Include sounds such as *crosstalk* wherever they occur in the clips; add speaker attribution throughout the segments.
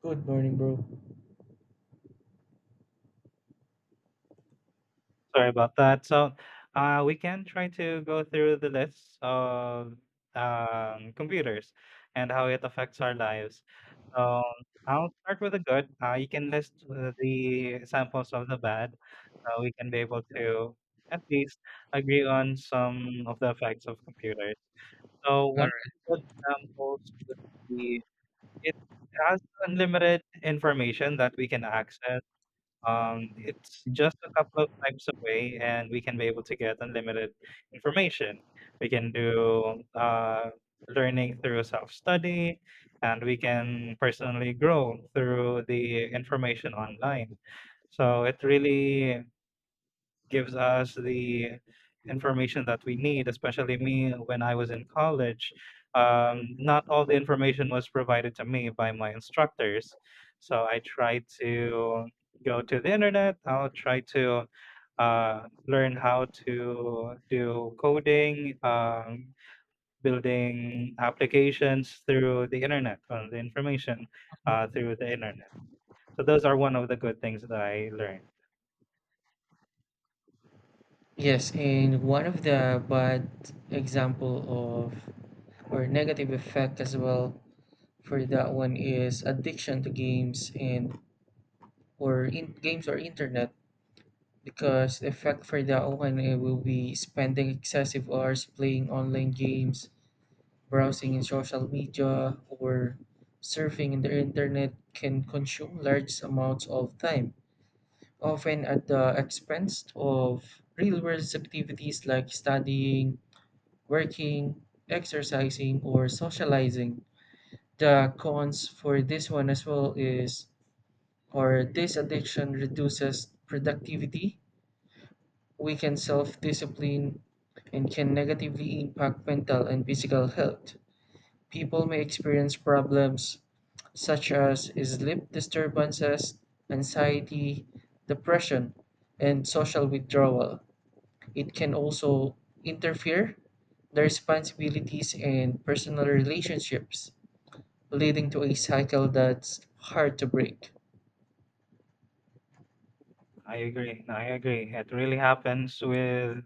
Speaker 1: Good morning, bro.
Speaker 2: Sorry about that. We can try to go through the list of computers and how it affects our lives. So, I'll start with the good. You can list the examples of the bad, so we can be able to at least agree on some of the effects of computers. So, one of
Speaker 1: Alright.
Speaker 2: the good examples would be it has unlimited information that we can access, it's just a couple of types away, and we can be able to get unlimited information. We can do learning through self study, and we can personally grow through the information online. So it really gives us the information that we need, especially me when I was in college. Not all the information was provided to me by my instructors. So I try to go to the internet, I'll try to uh, learn how to do coding, building applications through the internet, or the information through the internet. So those are one of the good things that I learned.
Speaker 1: Yes, and one of the bad example of or negative effect as well for that one is addiction to games and or in games or internet because the effect for that one it will be spending excessive hours playing online games, browsing in social media or surfing in the internet can consume large amounts of time often at the expense of real world activities like studying, working, exercising, or socializing. The cons for this one as well is or this addiction reduces productivity, weakens self discipline, and can negatively impact mental and physical health. People may experience problems such as sleep disturbances, anxiety, depression, and social withdrawal. It can also interfere the responsibilities and personal relationships, leading to a cycle that's hard to break.
Speaker 2: I agree. No, I agree. It really happens with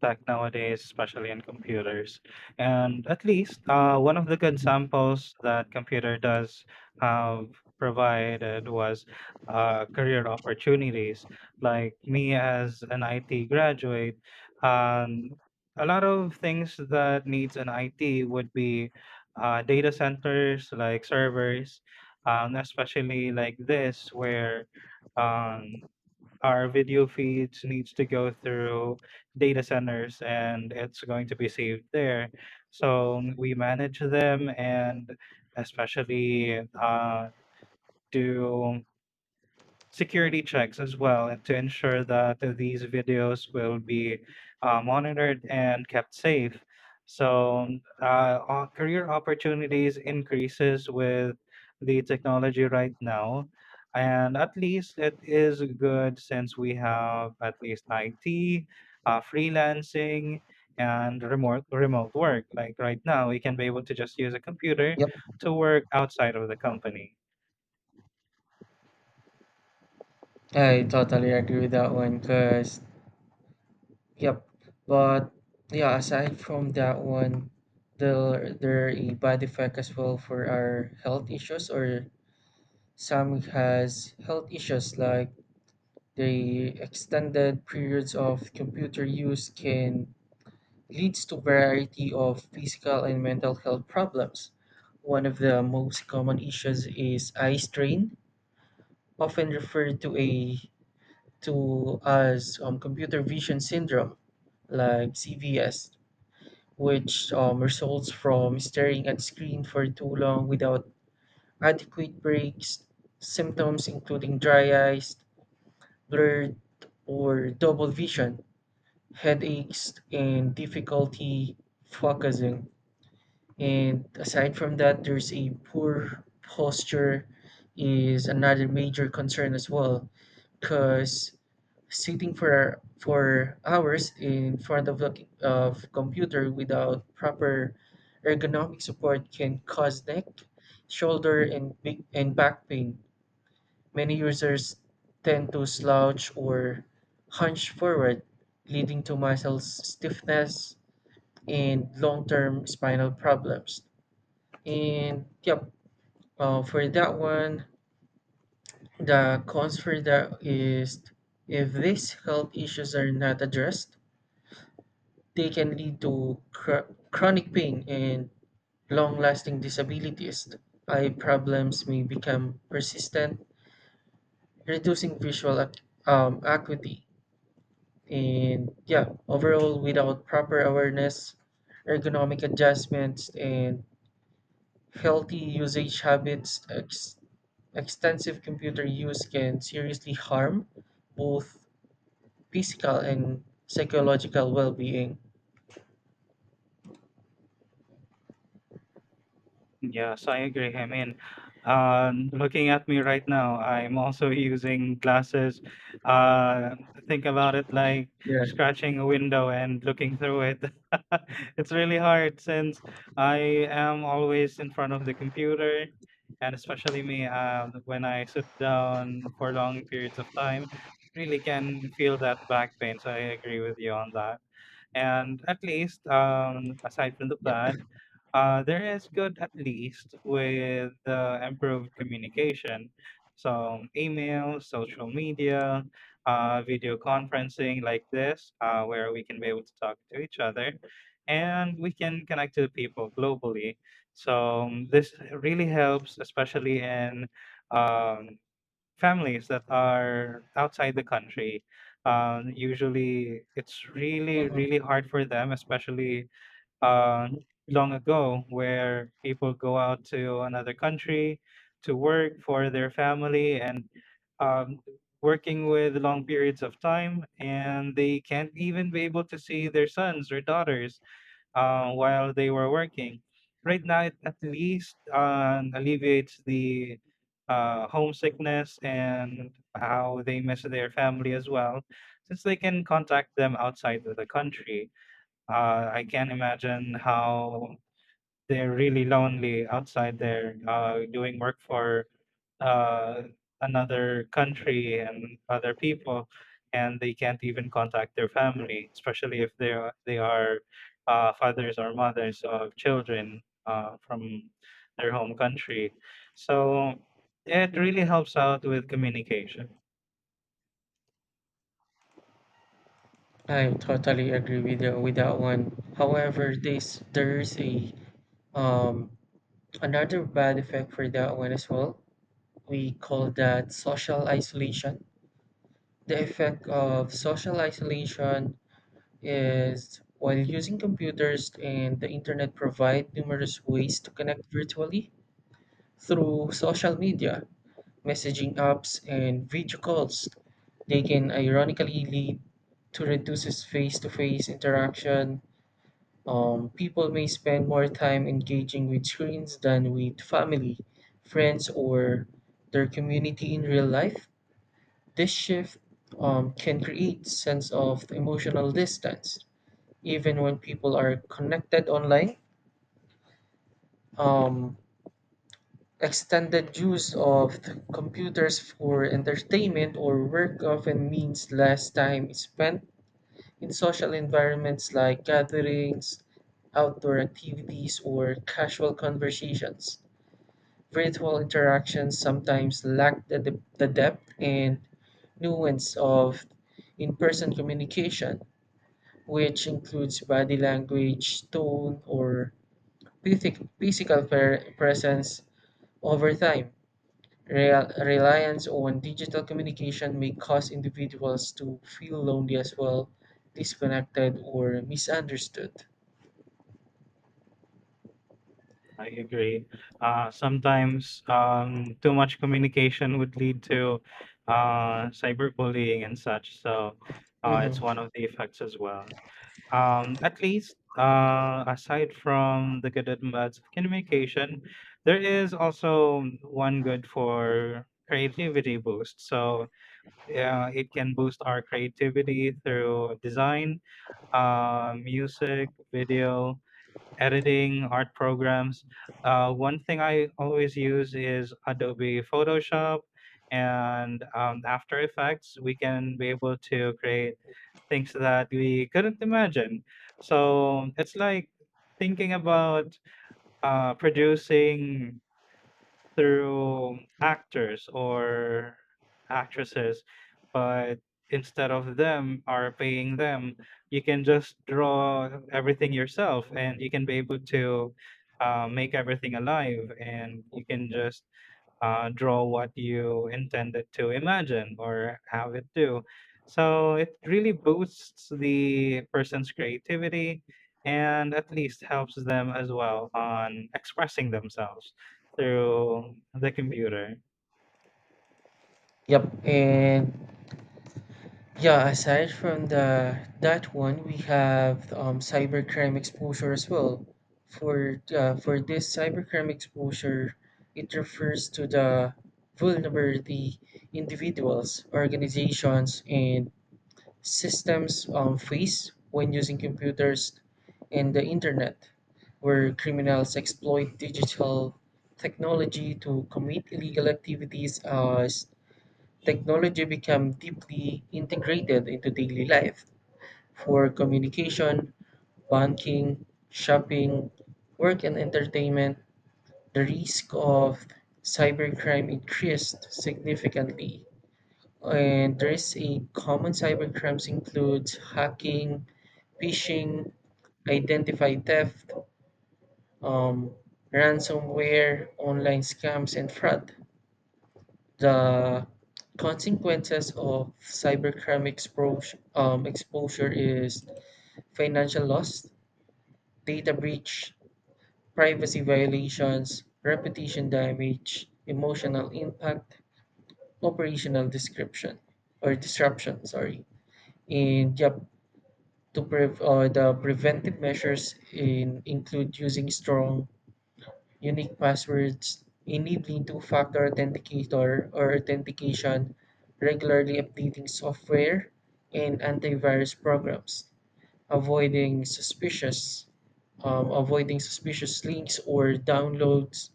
Speaker 2: tech nowadays, especially in computers. And at least, one of the good
Speaker 1: Mhm.
Speaker 2: samples that computer does have provided was career opportunities. Like me as an IT graduate, um, a lot of things that needs an IT would be data centers, like servers, especially like this where. Um, our video feeds needs to go through data centers and it's going to be saved there. So we manage them and especially do security checks as well and to ensure that these videos will be monitored and kept safe, so career opportunities increases with the technology right now, and at least it is good since we have at least it, freelancing and remote work. Like right now we can be able to just use a computer
Speaker 1: Yep,
Speaker 2: to work outside of the company.
Speaker 1: I totally agree with that one because, yep, but yeah, aside from that one, there a bad effect as well for our health issues or some has health issues like the extended periods of computer use can leads to variety of physical and mental health problems. One of the most common issues is eye strain, often referred to a to as computer vision syndrome, like CVS, which results from staring at screen for too long without adequate breaks. Symptoms including dry eyes, blurred or double vision, headaches, and difficulty focusing. And aside from that there's a poor posture is another major concern as well because sitting for hours in front of a of computer without proper ergonomic support can cause neck shoulder and big and back pain many users tend to slouch or hunch forward leading to muscle stiffness and long-term spinal problems and yep, for that one, the cons for that is if these health issues are not addressed, they can lead to chronic pain and long lasting disabilities. Eye problems may become persistent, reducing acuity. And yeah, overall, without proper awareness, ergonomic adjustments, and healthy usage habits. Extensive computer use can seriously harm both physical and psychological well-being.
Speaker 2: Yes, I agree. I mean, looking at me right now, I'm also using glasses. Uh, think about it like
Speaker 1: Yeah.
Speaker 2: scratching a window and looking through it. *laughs* It's really hard since I am always in front of the computer, and especially me, when I sit down for long periods of time, really can feel that back pain. So I agree with you on that. And at least, aside from the
Speaker 1: Yep.
Speaker 2: plan. There is good at least with the improved communication. So email, social media, video conferencing like this, where we can be able to talk to each other and we can connect to people globally. So this really helps, especially in um, families that are outside the country. Usually it's really,
Speaker 1: Mhm.
Speaker 2: really hard for them, especially uh, long ago where people go out to another country to work for their family, and um, working with long periods of time and they can't even be able to see their sons or daughters while they were working. Right now it at least alleviates the homesickness and how they miss their family as well, since they can contact them outside of the country. I can imagine how they're really lonely outside there, doing work for uh, another country and other people, and they can't even contact their family, especially if they are fathers or mothers of children from their home country. So it really helps out with communication.
Speaker 1: I totally agree with you with that one. However, this there's a um another bad effect for that one as well. We call that social isolation. The effect of social isolation is while using computers and the internet provide numerous ways to connect virtually through social media, messaging apps, and video calls. They can ironically lead to reduces face-to-face interaction. People may spend more time engaging with screens than with family, friends, or their community in real life. This shift can create sense of emotional distance, even when people are connected online. Um, Extended use of computers for entertainment or work often means less time spent in social environments like gatherings, outdoor activities, or casual conversations. Virtual interactions sometimes lack the depth and nuance of in person communication, which includes body language, tone, or physical presence over time. Reliance on digital communication may cause individuals to feel lonely as well, disconnected, or misunderstood.
Speaker 2: I agree. Sometimes too much communication would lead to cyberbullying and such. So it's one
Speaker 1: Mm-hmm.
Speaker 2: of the effects as well. At least aside from the good and bads of communication, there is also one good for creativity boost. So yeah, it can boost our creativity through design, music, video, editing, art programs. One thing I always use is Adobe Photoshop and After Effects. We can be able to create things that we couldn't imagine. So it's like thinking about producing through actors or actresses, but instead of them are paying them, you can just draw everything yourself, and you can be able to make everything alive, and you can just draw what you intended to imagine or have it do. So it really boosts the person's creativity and at least helps them as well on expressing themselves through the computer.
Speaker 1: Yep. And yeah, aside from the that one, we have cybercrime exposure as well. For this cybercrime exposure, it refers to the vulnerability individuals, organizations, and systems face when using computers and the internet, where criminals exploit digital technology to commit illegal activities as technology become deeply integrated into daily life for communication, banking, shopping, work and entertainment, the risk of cybercrime increased significantly. And there is a common cybercrimes includes hacking, phishing, identify theft, um, ransomware, online scams, and fraud. The consequences of cybercrime exposure is financial loss, data breach, privacy violations, reputation damage, emotional impact, operational description or disruption, sorry. And yep, to the preventive measures in include using strong unique passwords, enabling two-factor authenticator or authentication, regularly updating software and antivirus programs, avoiding suspicious avoiding suspicious links or downloads,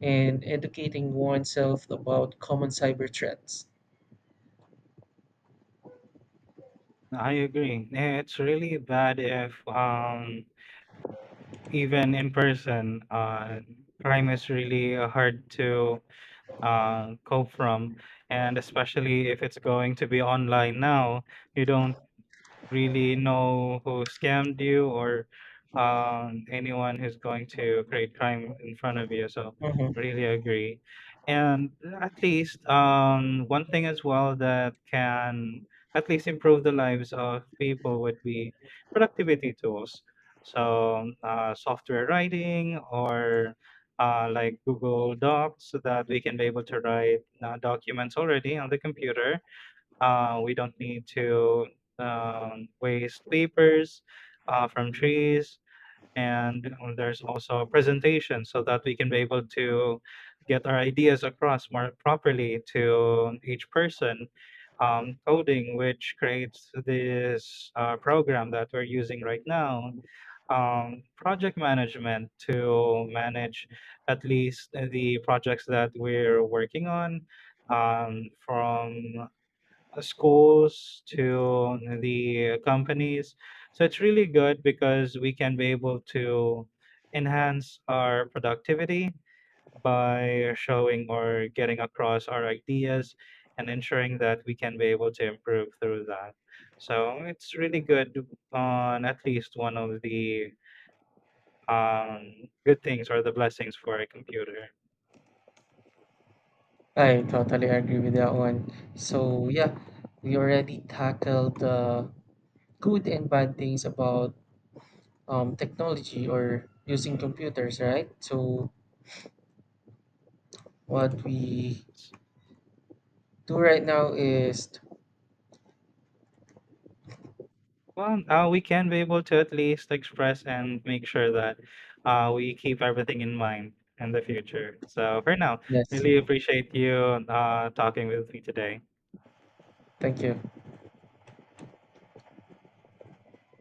Speaker 1: and educating oneself about common cyber threats.
Speaker 2: I agree. It's really bad if, even in person, crime is really hard to cope from, and especially if it's going to be online now, you don't really know who scammed you or anyone who's going to create crime in front of you. So
Speaker 1: Mhm.
Speaker 2: really agree. And at least one thing as well that can at least improve the lives of people would be productivity tools. So software writing, or like Google Docs so that we can be able to write documents already on the computer. We don't need to waste papers from trees. And there's also a presentation so that we can be able to get our ideas across more properly to each person. Coding, which creates this program that we're using right now. Project management to manage at least the projects that we're working on, from schools to the companies. So it's really good because we can be able to enhance our productivity by showing or getting across our ideas and ensuring that we can be able to improve through that. So it's really good on at least one of the um, good things or the blessings for a computer.
Speaker 1: I totally agree with that one. So yeah, we already tackled the good and bad things about technology or using computers, right? So what we do right now is
Speaker 2: Well, we can be able to at least express and make sure that we keep everything in mind in the future. So for now,
Speaker 1: yes,
Speaker 2: really appreciate you talking with me today.
Speaker 1: thank you.